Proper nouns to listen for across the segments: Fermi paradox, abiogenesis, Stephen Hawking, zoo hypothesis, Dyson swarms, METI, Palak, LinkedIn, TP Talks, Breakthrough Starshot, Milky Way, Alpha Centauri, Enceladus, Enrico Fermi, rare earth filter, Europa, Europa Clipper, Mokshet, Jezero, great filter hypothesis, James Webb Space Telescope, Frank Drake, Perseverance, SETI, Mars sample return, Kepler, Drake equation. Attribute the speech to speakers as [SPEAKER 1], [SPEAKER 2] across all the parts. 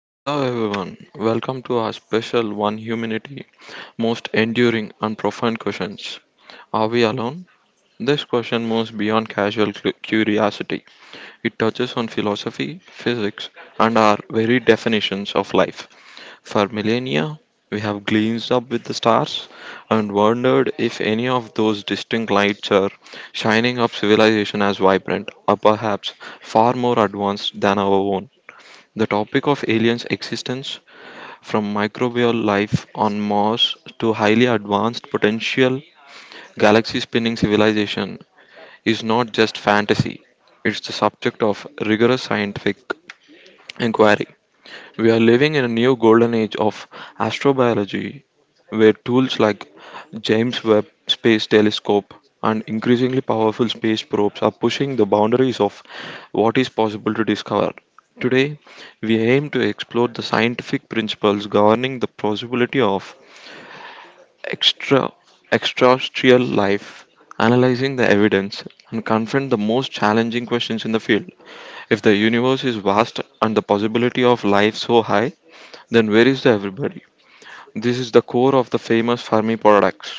[SPEAKER 1] Hello, everyone. Welcome to our special One Humanity Most Enduring and Profound Questions. Are we alone? This question moves beyond casual curiosity. It touches on philosophy, physics, and our very definitions of life. For millennia, we have gazed up with the stars and wondered if any of those distinct lights are shining up civilization as vibrant or perhaps far more advanced than our own. The topic of aliens' existence from microbial life on Mars to highly advanced potential galaxy spinning civilization is not just fantasy, it's the subject of rigorous scientific inquiry. We are living in a new golden age of astrobiology where tools like James Webb Space Telescope and increasingly powerful space probes are pushing the boundaries of what is possible to discover. Today, we aim to explore the scientific principles governing the possibility of extra extraterrestrial life, analyzing the evidence, and confront the most challenging questions in the field. If the universe is vast and the possibility of life so high, then where is the everybody? This is the core of the famous Fermi paradox.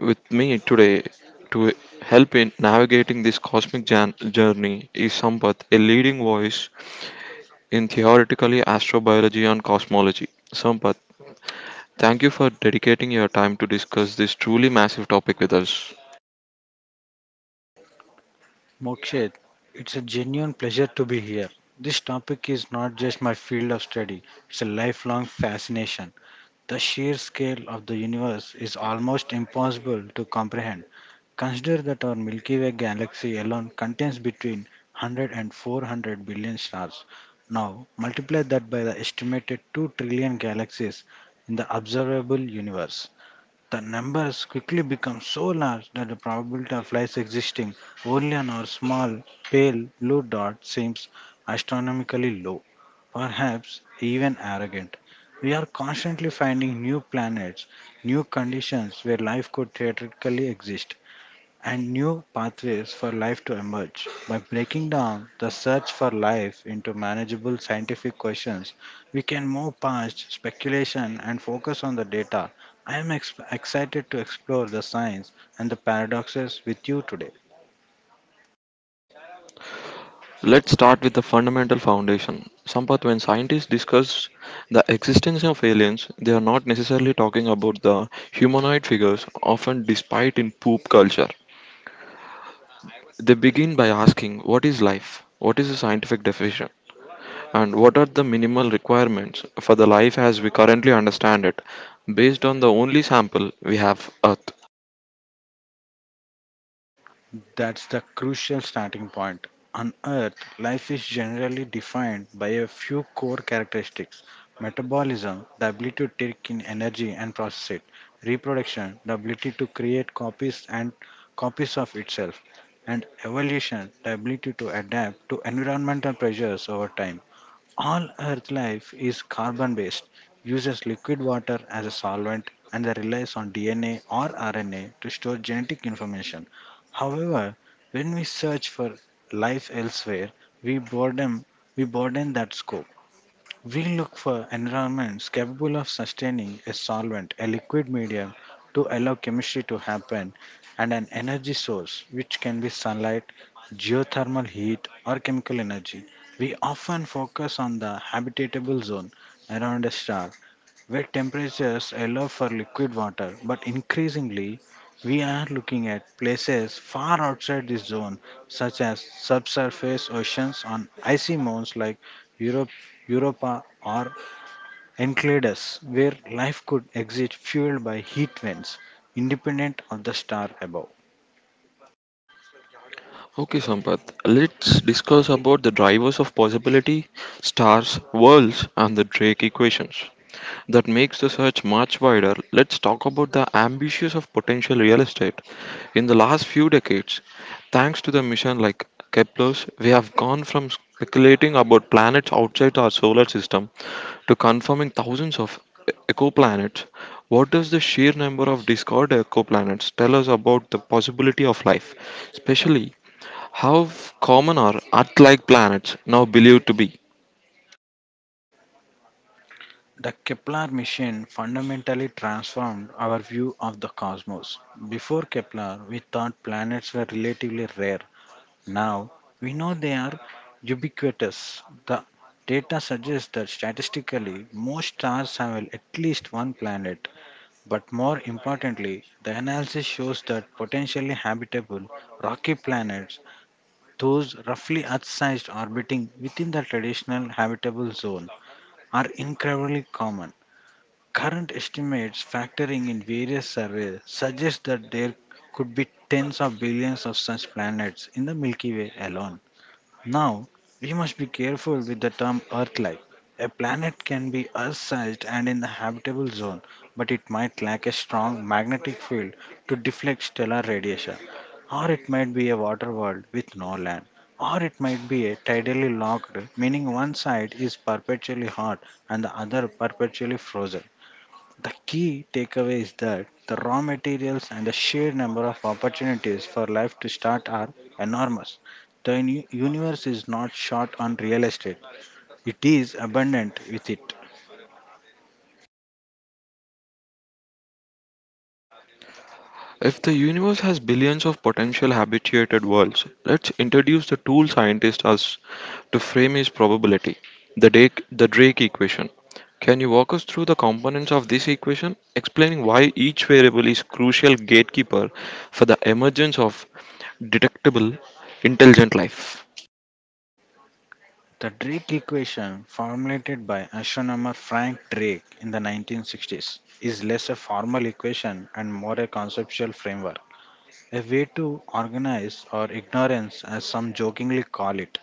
[SPEAKER 1] With me today to help in navigating this cosmic journey is Sampath, a leading voice in theoretically astrobiology and cosmology. Sampath, thank you for dedicating your time to discuss this truly massive topic with us.
[SPEAKER 2] Mokshet, it's a genuine pleasure to be here. This topic is not just my field of study, it's a lifelong fascination. The sheer scale of the universe is almost impossible to comprehend. Consider that our Milky Way galaxy alone contains between 100 and 400 billion stars. Now, multiply that by the estimated 2 trillion galaxies in the observable universe. The numbers quickly become so large that the probability of life existing only on our small, pale blue dot seems astronomically low, perhaps even arrogant. We are constantly finding new planets, new conditions where life could theoretically exist, and new pathways for life to emerge. By breaking down the search for life into manageable scientific questions, we can move past speculation and focus on the data. I am excited to explore the science and the paradoxes with you today.
[SPEAKER 1] Let's start with the fundamental foundation. Sampath, when scientists discuss the existence of aliens, they are not necessarily talking about the humanoid figures often despite in poop culture. They begin by asking what is life, what is the scientific definition, and what are the minimal requirements for the life as we currently understand it, based on the only sample we have Earth.
[SPEAKER 2] That's the crucial starting point. On Earth, life is generally defined by a few core characteristics: metabolism, the ability to take in energy and process it; reproduction, the ability to create copies of itself; and evolution, the ability to adapt to environmental pressures over time. All Earth life is carbon based, uses liquid water as a solvent, and they relies on DNA or RNA to store genetic information. However, when we search for life elsewhere, we burden, we burden that scope. We look for environments capable of sustaining a solvent, a liquid medium to allow chemistry to happen, and an energy source, which can be sunlight, geothermal heat, or chemical energy. We often focus on the habitable zone around a star where temperatures allow for liquid water, but increasingly we are looking at places far outside this zone, such as subsurface oceans on icy moons like Europe, Europa or Enceladus, where life could exist fueled by heat vents independent of the star above.
[SPEAKER 1] Okay, Sampath, let's discuss about the drivers of possibility, stars, worlds, and the Drake equations. That makes the search much wider, let's talk about the ambitions of potential real estate. In the last few decades, thanks to the mission like Kepler's, we have gone from speculating about planets outside our solar system to confirming thousands of ecoplanets. What does the sheer number of discovered ecoplanets tell us about the possibility of life, especially how common are Earth-like planets now believed to be?
[SPEAKER 2] The Kepler mission fundamentally transformed our view of the cosmos. Before Kepler, we thought planets were relatively rare. Now, we know they are ubiquitous. The data suggests that statistically, most stars have at least one planet. But more importantly, the analysis shows that potentially habitable rocky planets, those roughly Earth sized orbiting within the traditional habitable zone, are incredibly common. Current estimates factoring in various surveys suggest that there could be tens of billions of such planets in the Milky Way alone. Now, we must be careful with the term Earth-like. A planet can be Earth-sized and in the habitable zone, but it might lack a strong magnetic field to deflect stellar radiation, or it might be a water world with no land, or it might be a tidally locked, meaning one side is perpetually hot and the other perpetually frozen. The key takeaway is that the raw materials and the sheer number of opportunities for life to start are enormous. The universe is not short on real estate, it is abundant with it.
[SPEAKER 1] If the universe has billions of potential habitated worlds, let's introduce the tool scientists us to frame his probability, the Drake equation. Can you walk us through the components of this equation, explaining why each variable is crucial gatekeeper for the emergence of detectable intelligent life?
[SPEAKER 2] The Drake equation, formulated by astronomer Frank Drake in the 1960s, is less a formal equation and more a conceptual framework, a way to organize our ignorance, as some jokingly call it.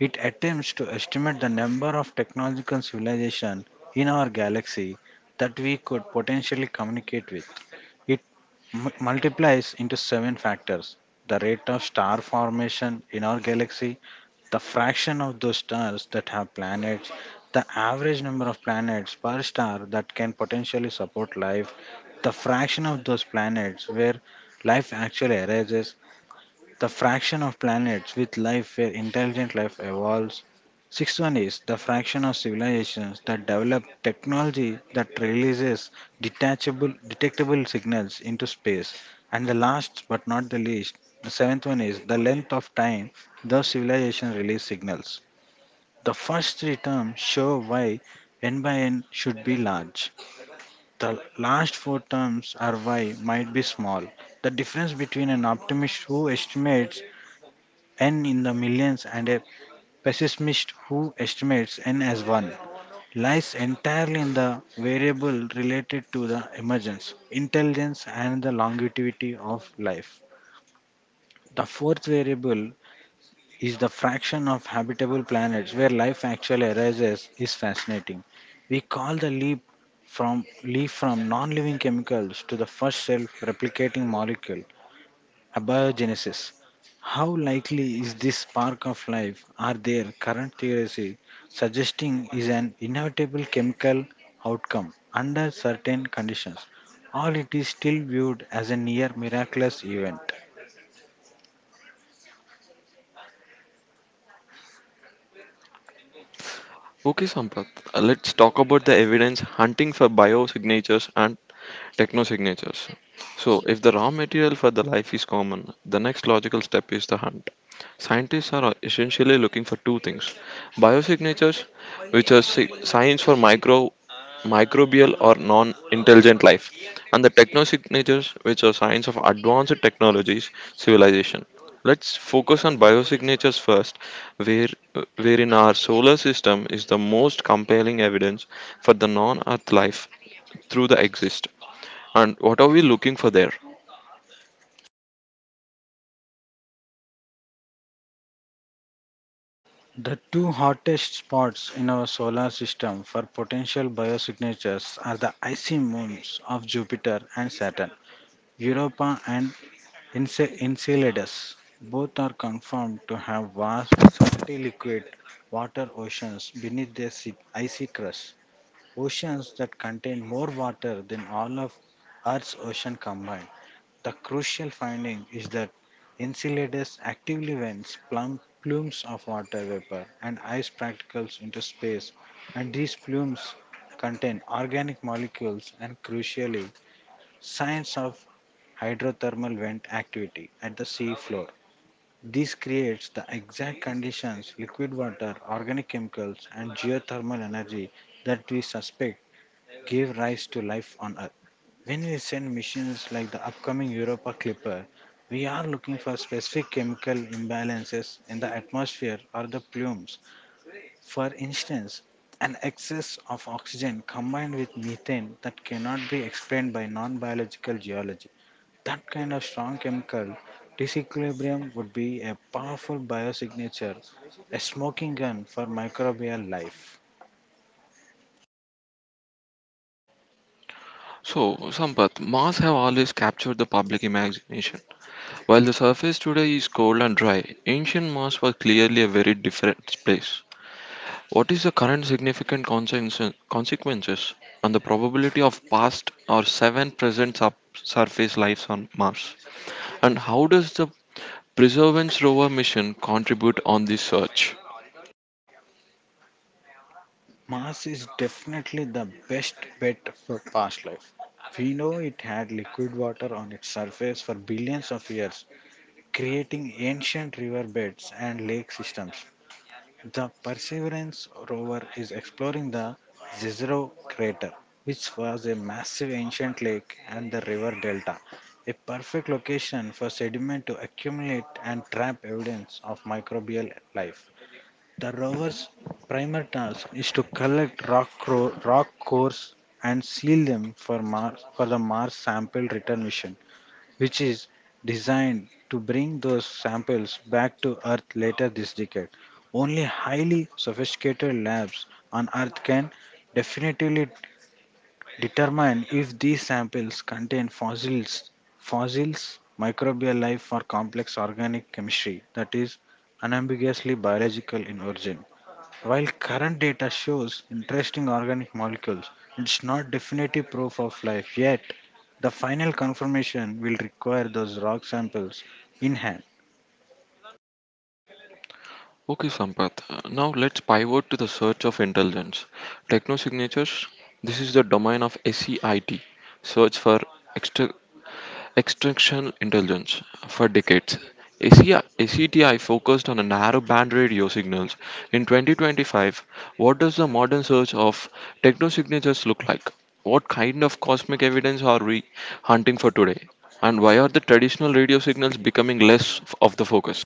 [SPEAKER 2] It attempts to estimate the number of technological civilizations in our galaxy that we could potentially communicate with. It multiplies into seven factors: the rate of star formation in our galaxy, the fraction of those stars that have planets, the average number of planets per star that can potentially support life, the fraction of those planets where life actually arises, the fraction of planets with life where intelligent life evolves. Sixth one is the fraction of civilizations that develop technology that releases detachable detectable signals into space. And the last but not the least, the seventh one is the length of time those civilizations release signals. The first three terms show why n by n should be large. The last four terms are why might be small. The difference between an optimist who estimates n in the millions, and a pessimist who estimates n as 1 lies entirely in the variable related to the emergence, intelligence, and the longevity of life. The fourth variable is the fraction of habitable planets where life actually arises is fascinating. We call the leap from non-living chemicals to the first self-replicating molecule abiogenesis. How likely is this spark of life? Are there current theories suggesting is an inevitable chemical outcome under certain conditions, or it is still viewed as a near miraculous event?
[SPEAKER 1] Okay, Sampath, let's talk about the evidence hunting for biosignatures and technosignatures. So, if the raw material for the life is common, the next logical step is the hunt. Scientists are essentially looking for two things biosignatures, which are signs for microbial or non intelligent life, and the technosignatures, which are signs of advanced technologies, civilization. Let's focus on biosignatures first, where, wherein our solar system is the most compelling evidence for the non Earth life through the exist. And what are we looking for there?
[SPEAKER 2] The two hottest spots in our solar system for potential biosignatures are the icy moons of Jupiter and Saturn, Europa and Enceladus. Both are confirmed to have vast, salty liquid water oceans beneath their icy crust, oceans that contain more water than all of Earth's ocean combined. The crucial finding is that Enceladus actively vents plumes of water vapor and ice particles into space, and these plumes contain organic molecules and, crucially, signs of hydrothermal vent activity at the sea floor. This creates the exact conditions: liquid water, organic chemicals, and geothermal energy that we suspect gave rise to life on Earth. When we send missions like the upcoming Europa Clipper, we are looking for specific chemical imbalances in the atmosphere or the plumes. For instance, an excess of oxygen combined with methane that cannot be explained by non biological geology, that kind of strong chemical disequilibrium would be a powerful biosignature, a smoking gun for microbial life.
[SPEAKER 1] So, Sampath, Mars have always captured the public imagination. While the surface today is cold and dry, ancient Mars was clearly a very different place. What is the current significant consequences on the probability of past or seven present subsurface lives on Mars? And how does the Perseverance rover mission contribute on this search?
[SPEAKER 2] Mars is definitely the best bet for past life. We know it had liquid water on its surface for billions of years, creating ancient riverbeds and lake systems. The Perseverance rover is exploring the Jezero crater, which was a massive ancient lake and the river delta, a perfect location for sediment to accumulate and trap evidence of microbial life. The rover's primary task is to collect rock cores and seal them for the Mars sample return mission, which is designed to bring those samples back to Earth later this decade. Only highly sophisticated labs on Earth can definitively determine if these samples contain fossils, microbial life, or complex organic chemistry that is unambiguously biological in origin. While current data shows interesting organic molecules, it's not definitive proof of life yet. The final confirmation will require those rock samples in hand.
[SPEAKER 1] Okay, Sampath. Now let's pivot to the search of intelligence. Technosignatures. This is the domain of SEIT, search for extra Extinction intelligence. For decades, ACI focused on a narrow band radio signals. In 2025, what does the modern search of technosignatures look like? What kind of cosmic evidence are we hunting for today? And why are the traditional radio signals becoming less of the focus?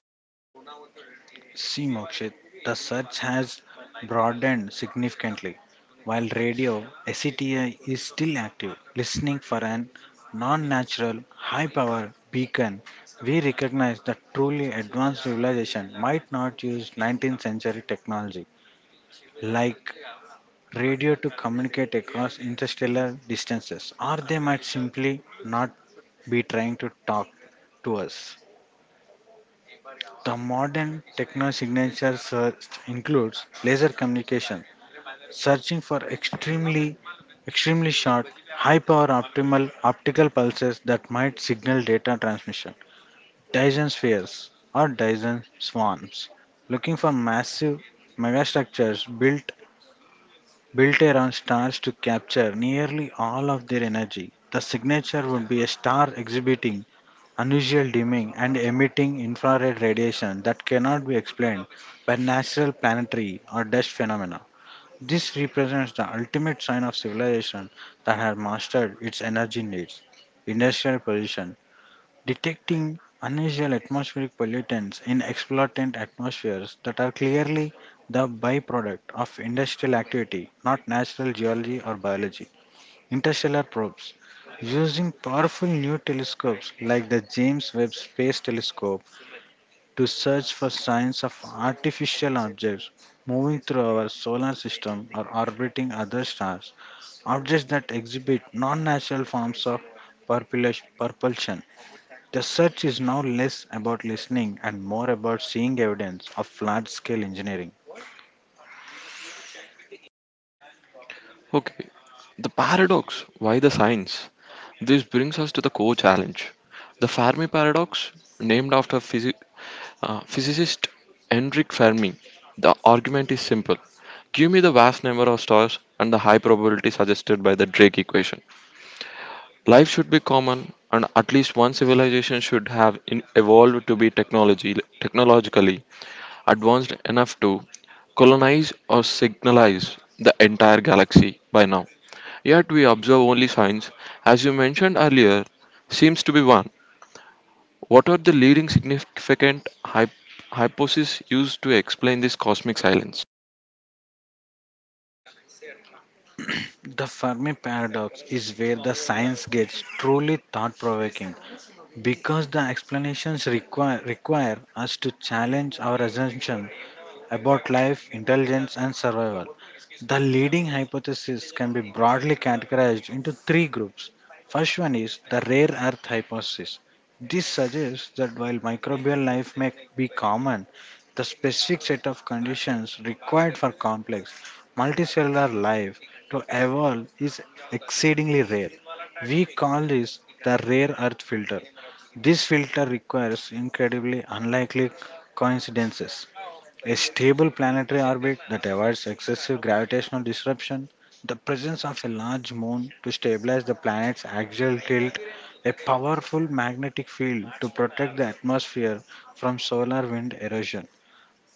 [SPEAKER 2] See, Mokshit, the search has broadened significantly. While radio, SETI is still active, listening for an non natural, high power beacon. We recognize that truly advanced civilization might not use 19th century technology like radio to communicate across interstellar distances, or they might simply not be trying to talk to us. The modern techno signature search includes laser communication, searching for extremely short, high power optimal optical pulses that might signal data transmission. Dyson spheres or Dyson swarms, looking for massive megastructures built around stars to capture nearly all of their energy. The signature would be a star exhibiting unusual dimming and emitting infrared radiation that cannot be explained by natural planetary or dust phenomena. This represents the ultimate sign of civilization that has mastered its energy needs, industrial position, detecting unusual atmospheric pollutants in exploitant atmospheres that are clearly the byproduct of industrial activity, not natural geology or biology. Interstellar probes. Using powerful new telescopes like the James Webb Space Telescope to search for signs of artificial objects moving through our solar system or orbiting other stars, objects that exhibit non natural forms of propulsion. The search is now less about listening and more about seeing evidence of large scale engineering.
[SPEAKER 1] Okay, the paradox why the science? This brings us to the core challenge. The Fermi paradox, named after physicist Enric Fermi, the argument is simple. Give me the vast number of stars and the high probability suggested by the Drake equation. Life should be common, and at least one civilization should have evolved to be technologically advanced enough to colonize or signalize the entire galaxy by now. Yet we observe only signs, as you mentioned earlier, seems to be one. What are the leading significant hypotheses used to explain this cosmic silence?
[SPEAKER 2] The Fermi paradox is where the science gets truly thought provoking because the explanations require us to challenge our assumption about life, intelligence, and survival. The leading hypothesis can be broadly categorized into three groups. First one is the rare earth hypothesis. This suggests that while microbial life may be common, the specific set of conditions required for complex multicellular life to evolve is exceedingly rare. We call this the rare earth filter. This filter requires incredibly unlikely coincidences: a stable planetary orbit that avoids excessive gravitational disruption, the presence of a large moon to stabilize the planet's axial tilt, a powerful magnetic field to protect the atmosphere from solar wind erosion,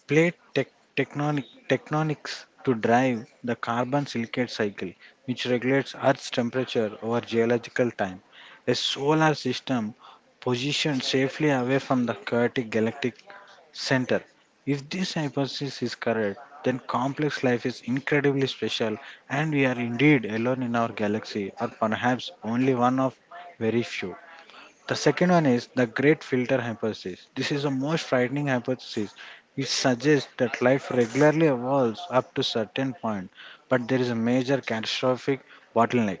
[SPEAKER 2] plate tectonics to drive the carbon silicate cycle, which regulates Earth's temperature over geological time, a solar system positioned safely away from the chaotic galactic center. If this hypothesis is correct, then complex life is incredibly special and we are indeed alone in our galaxy, or perhaps only one of very few. The second one is the great filter hypothesis. This is the most frightening hypothesis. It suggests that life regularly evolves up to certain point, but there is a major catastrophic bottleneck,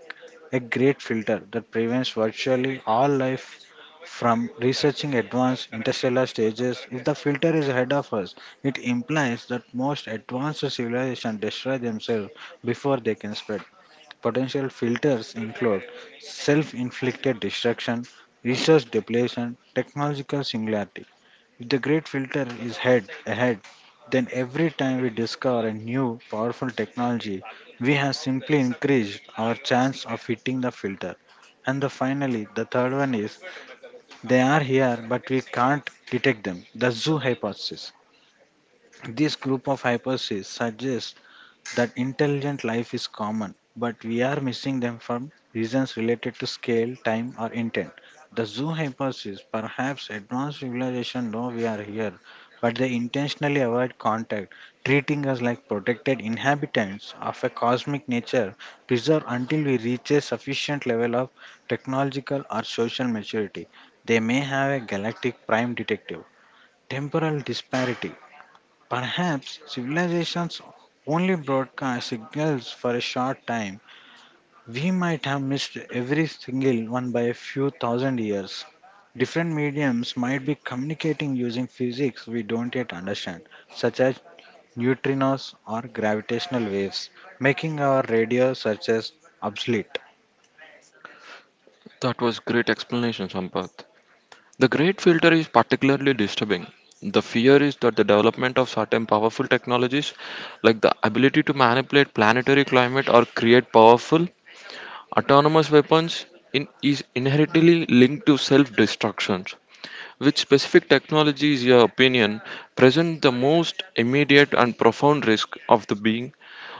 [SPEAKER 2] a great filter that prevents virtually all life from researching advanced interstellar stages. If the filter is ahead of us, it implies that most advanced civilizations destroy themselves before they can spread. Potential filters include self inflicted destruction, resource depletion, technological singularity. If the great filter is head ahead, then every time we discover a new powerful technology, we have simply increased our chance of hitting the filter. And the finally, the third one is they are here, but we can't detect them. The zoo hypothesis. This group of hypotheses suggests that intelligent life is common, but we are missing them for reasons related to scale, time, or intent. The zoo hypothesis, perhaps advanced civilization know we are here, but they intentionally avoid contact, treating us like protected inhabitants of a cosmic nature preserved until we reach a sufficient level of technological or social maturity. They may have a galactic prime detective temporal disparity. Perhaps civilizations only broadcast signals for a short time. We might have missed every single one by a few thousand years. Different mediums might be communicating using physics we don't yet understand, such as neutrinos or gravitational waves, making our radio searches obsolete.
[SPEAKER 1] That was great explanation, Sampath. The great filter is particularly disturbing. The fear is that the development of certain powerful technologies, like the ability to manipulate planetary climate or create powerful Autonomous weapons in, is inherently linked to self-destruction. Which specific technology is your opinion present the most immediate and profound risk of the being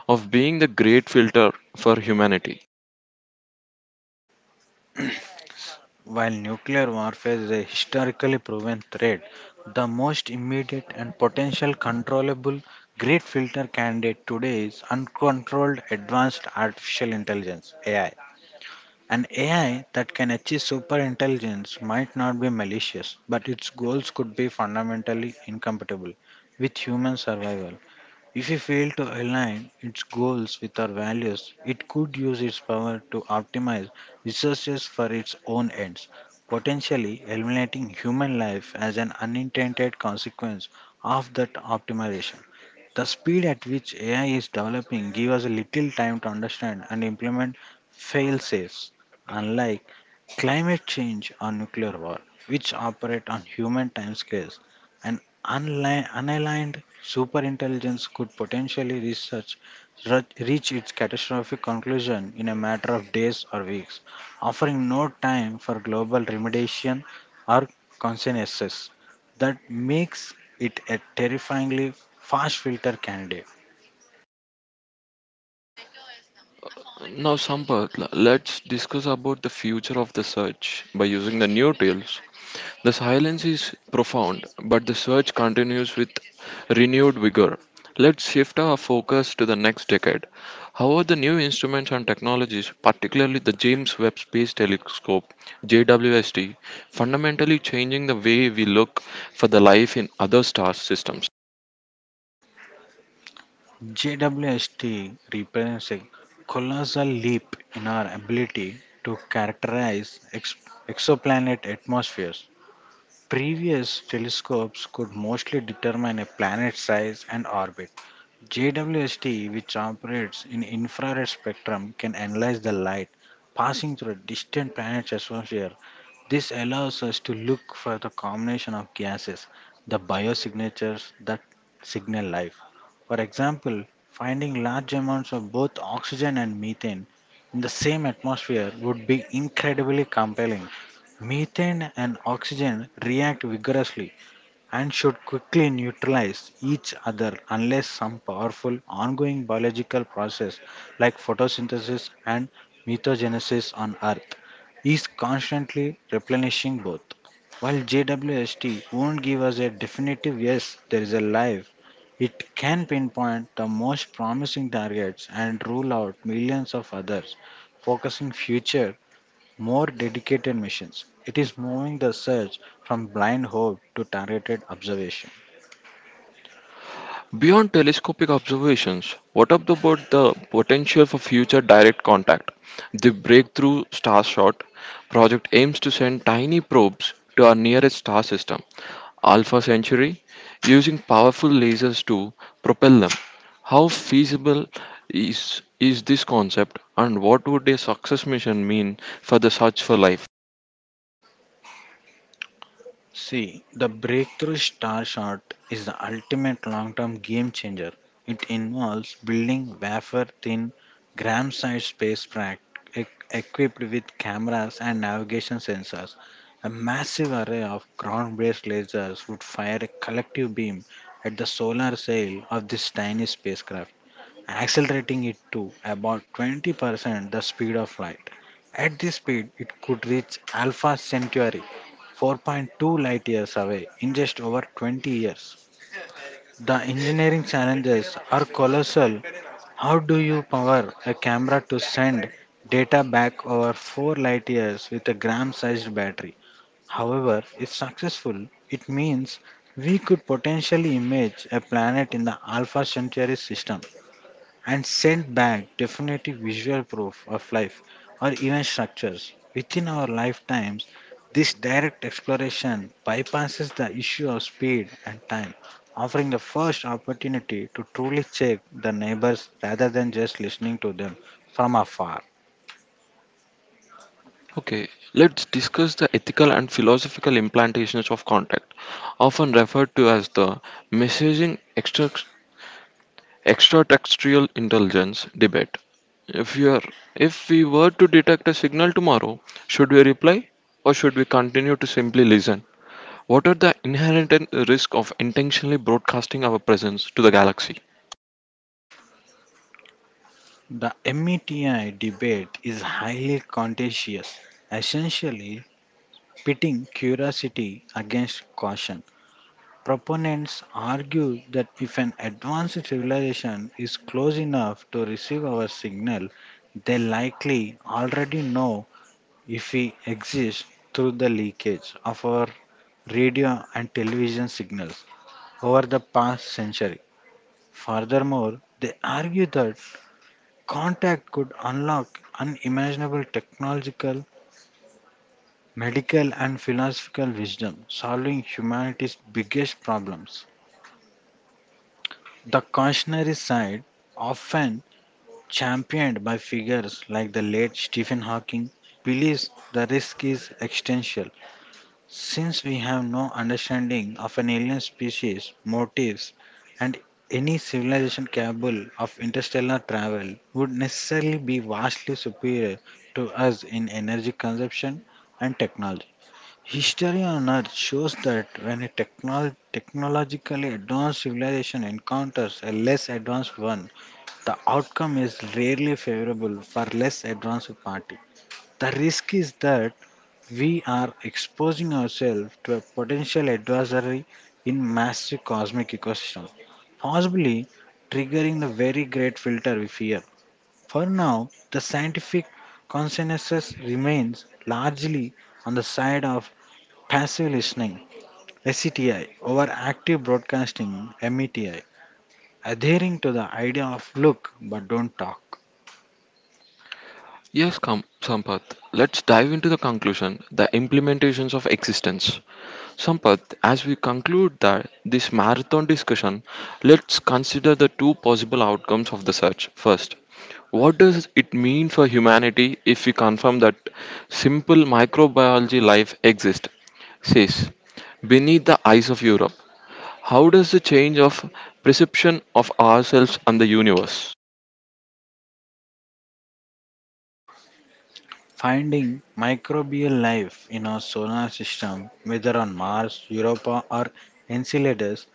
[SPEAKER 1] of being the great filter for humanity?
[SPEAKER 2] While nuclear warfare is a historically proven threat, the most immediate and potential controllable great filter candidate today is uncontrolled advanced artificial intelligence, AI. An AI that can achieve superintelligence might not be malicious, but its goals could be fundamentally incompatible with human survival. If we fail to align its goals with our values, it could use its power to optimize resources for its own ends, potentially eliminating human life as an unintended consequence of that optimization. The speed at which AI is developing gives us little time to understand and implement fail safes. Unlike climate change or nuclear war, which operate on human timescales, an unaligned superintelligence could potentially research, reach its catastrophic conclusion in a matter of days or weeks, offering no time for global remediation or consciences. That makes it a terrifyingly fast filter candidate.
[SPEAKER 1] Now, Sampath, let's discuss about the future of the search by using the new tools. The silence is profound, but the search continues with renewed vigor. Let's shift our focus to the next decade. How are the new instruments and technologies, particularly the James Webb Space Telescope (JWST), fundamentally changing the way we look for the life in other star systems?
[SPEAKER 2] JWST represents a colossal leap in our ability to characterize ex- exoplanet atmospheres. Previous telescopes could mostly determine a planet's size and orbit. JWST, which operates in infrared spectrum, can analyze the light passing through a distant planet's atmosphere. This allows us to look for the combination of gases, the biosignatures that signal life. For example, finding large amounts of both oxygen and methane in the same atmosphere would be incredibly compelling. Methane and oxygen react vigorously and should quickly neutralize each other unless some powerful ongoing biological process like photosynthesis and methanogenesis on Earth is constantly replenishing both. While JWST won't give us a definitive yes, there is a life, it can pinpoint the most promising targets and rule out millions of others, focusing future more dedicated missions. It is moving the search from blind hope to targeted observation.
[SPEAKER 1] Beyond telescopic observations, what up about the potential for future direct contact? The Breakthrough Starshot project aims to send tiny probes to our nearest star system, Alpha Centauri, using powerful lasers to propel them. How feasible is this concept, and what would a success mission mean for the search for life?
[SPEAKER 2] See, the breakthrough star shot is the ultimate long term game changer. It involves building wafer thin, gram sized spacecraft e- equipped with cameras and navigation sensors. A massive array of ground based lasers would fire a collective beam at the solar sail of this tiny spacecraft, accelerating it to about 20% the speed of light. At this speed, it could reach Alpha Centauri, 4.2 light years away, in just over 20 years. The engineering challenges are colossal. How do you power a camera to send data back over 4 light years with a gram sized battery? However, if successful, it means we could potentially image a planet in the Alpha Centauri system and sent back definitive visual proof of life or even structures within our lifetimes. This direct exploration bypasses the issue of speed and time, offering the first opportunity to truly check the neighbors rather than just listening to them from afar.
[SPEAKER 1] Okay, let's discuss the ethical and philosophical implantations of contact, often referred to as the messaging extraterrestrial intelligence debate. If you are, If we were to detect a signal tomorrow, should we reply or should we continue to simply listen? What are the inherent risks of intentionally broadcasting our presence to the galaxy?
[SPEAKER 2] The METI debate is highly contentious, essentially pitting curiosity against caution. Proponents argue that if an advanced civilization is close enough to receive our signal, they likely already know if we exist through the leakage of our radio and television signals over the past century. Furthermore, they argue that contact could unlock unimaginable technological, medical, and philosophical wisdom, solving humanity's biggest problems. The cautionary side, often championed by figures like the late Stephen Hawking, believes the risk is existential. Since we have no understanding of an alien species, motives, and any civilization capable of interstellar travel would necessarily be vastly superior to us in energy consumption and technology. History on Earth shows that when a technologically advanced civilization encounters a less advanced one, the outcome is rarely favorable for less advanced party. The risk is that we are exposing ourselves to a potential adversary in massive cosmic ecosystem, possibly triggering the very great filter we fear. For now, the scientific consensus remains largely on the side of passive listening, (SCTI) over active broadcasting, METI, adhering to the idea of look but don't talk.
[SPEAKER 1] Yes, Sampath, let's dive into the conclusion the implementations of existence. Sampath, as we conclude that this marathon discussion, let's consider the two possible outcomes of the search. First, what does it mean for humanity if we confirm that simple microbiology life exists? Says, beneath the eyes of Europe, how does the change of perception of ourselves and the universe?
[SPEAKER 2] Finding microbial life in our solar system, whether on Mars, Europa, or Enceladus,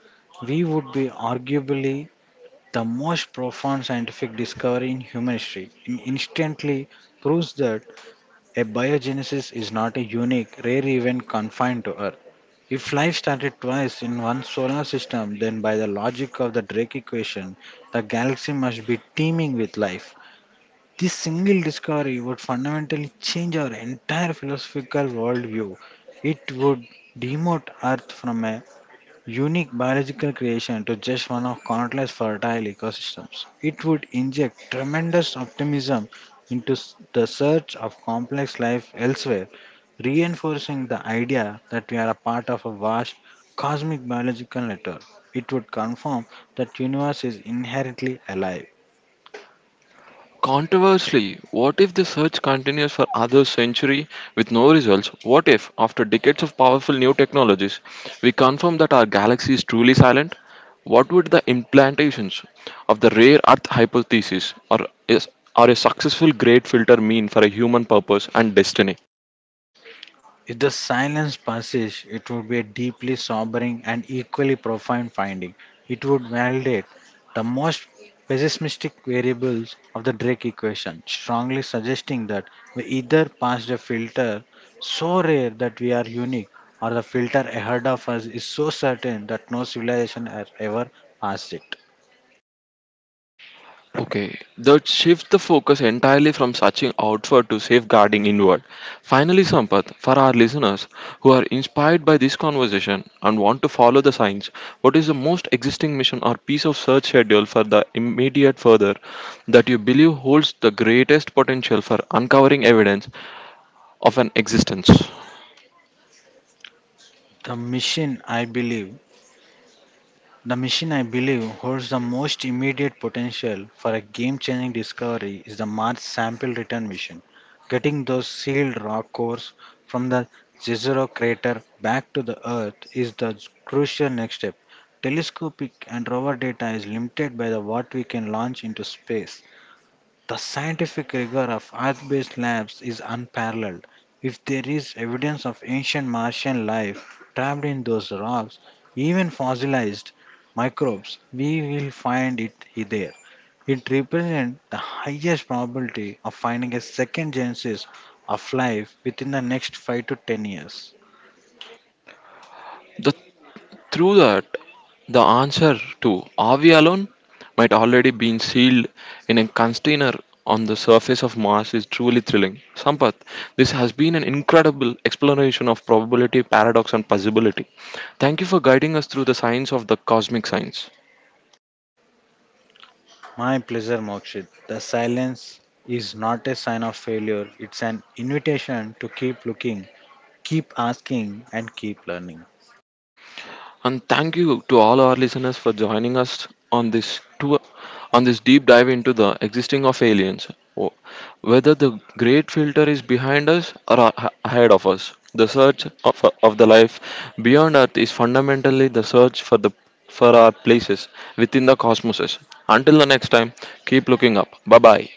[SPEAKER 2] we would be arguably the most profound scientific discovery in human history. It instantly proves that A biogenesis is not a unique, rare event confined to Earth. If life started twice in one solar system, then by the logic of the Drake equation, the galaxy must be teeming with life. This single discovery would fundamentally change our entire philosophical worldview. It would demote Earth from a unique biological creation to just one of countless fertile ecosystems. It would inject tremendous optimism into the search of complex life elsewhere, reinforcing the idea that we are a part of a vast cosmic biological network. It would confirm that universe is inherently alive.
[SPEAKER 1] Controversially, what if the search continues for another century with no results? What if, after decades of powerful new technologies, we confirm that our galaxy is truly silent? What would the implantations of the rare earth hypothesis or a successful great filter mean for a human purpose and destiny?
[SPEAKER 2] If the silence persists, it would be a deeply sobering and equally profound finding. It would validate the most pessimistic variables of the Drake equation, strongly suggesting that we either passed a filter so rare that we are unique, or the filter ahead of us is so certain that no civilization has ever passed it.
[SPEAKER 1] Okay, that shifts the focus entirely from searching outward to safeguarding inward. Finally, Sampath, for our listeners who are inspired by this conversation and want to follow the signs, what is the most existing mission or piece of search schedule for the immediate further that you believe holds the greatest potential for uncovering evidence of an existence?
[SPEAKER 2] The mission, I believe, The machine I believe holds the most immediate potential for a game changing discovery is the Mars sample return mission. Getting those sealed rock cores from the Jezero crater back to the Earth is the crucial next step. Telescopic and rover data is limited by the what we can launch into space, the scientific rigor of Earth based labs is unparalleled. If there is evidence of ancient Martian life trapped in those rocks, even fossilized microbes, we will find it there. It represents the highest probability of finding a second genesis of life within the next 5 to 10 years.
[SPEAKER 1] The, through that, the answer to are we alone might already been sealed in a container on the surface of Mars is truly thrilling. Sampath, this has been an incredible exploration of probability, paradox, and possibility. Thank you for guiding us through the science of the cosmic science.
[SPEAKER 2] My pleasure, Mokshit. The silence is not a sign of failure, it's an invitation to keep looking, keep asking, and keep learning.
[SPEAKER 1] And thank you to all our listeners for joining us on this tour, on this deep dive into the existing of aliens. Wh- Whether the great filter is behind us or ahead of us, the search of, of the life beyond Earth is fundamentally the search for the for our places within the cosmoses. Until the next time, keep looking up. Bye bye.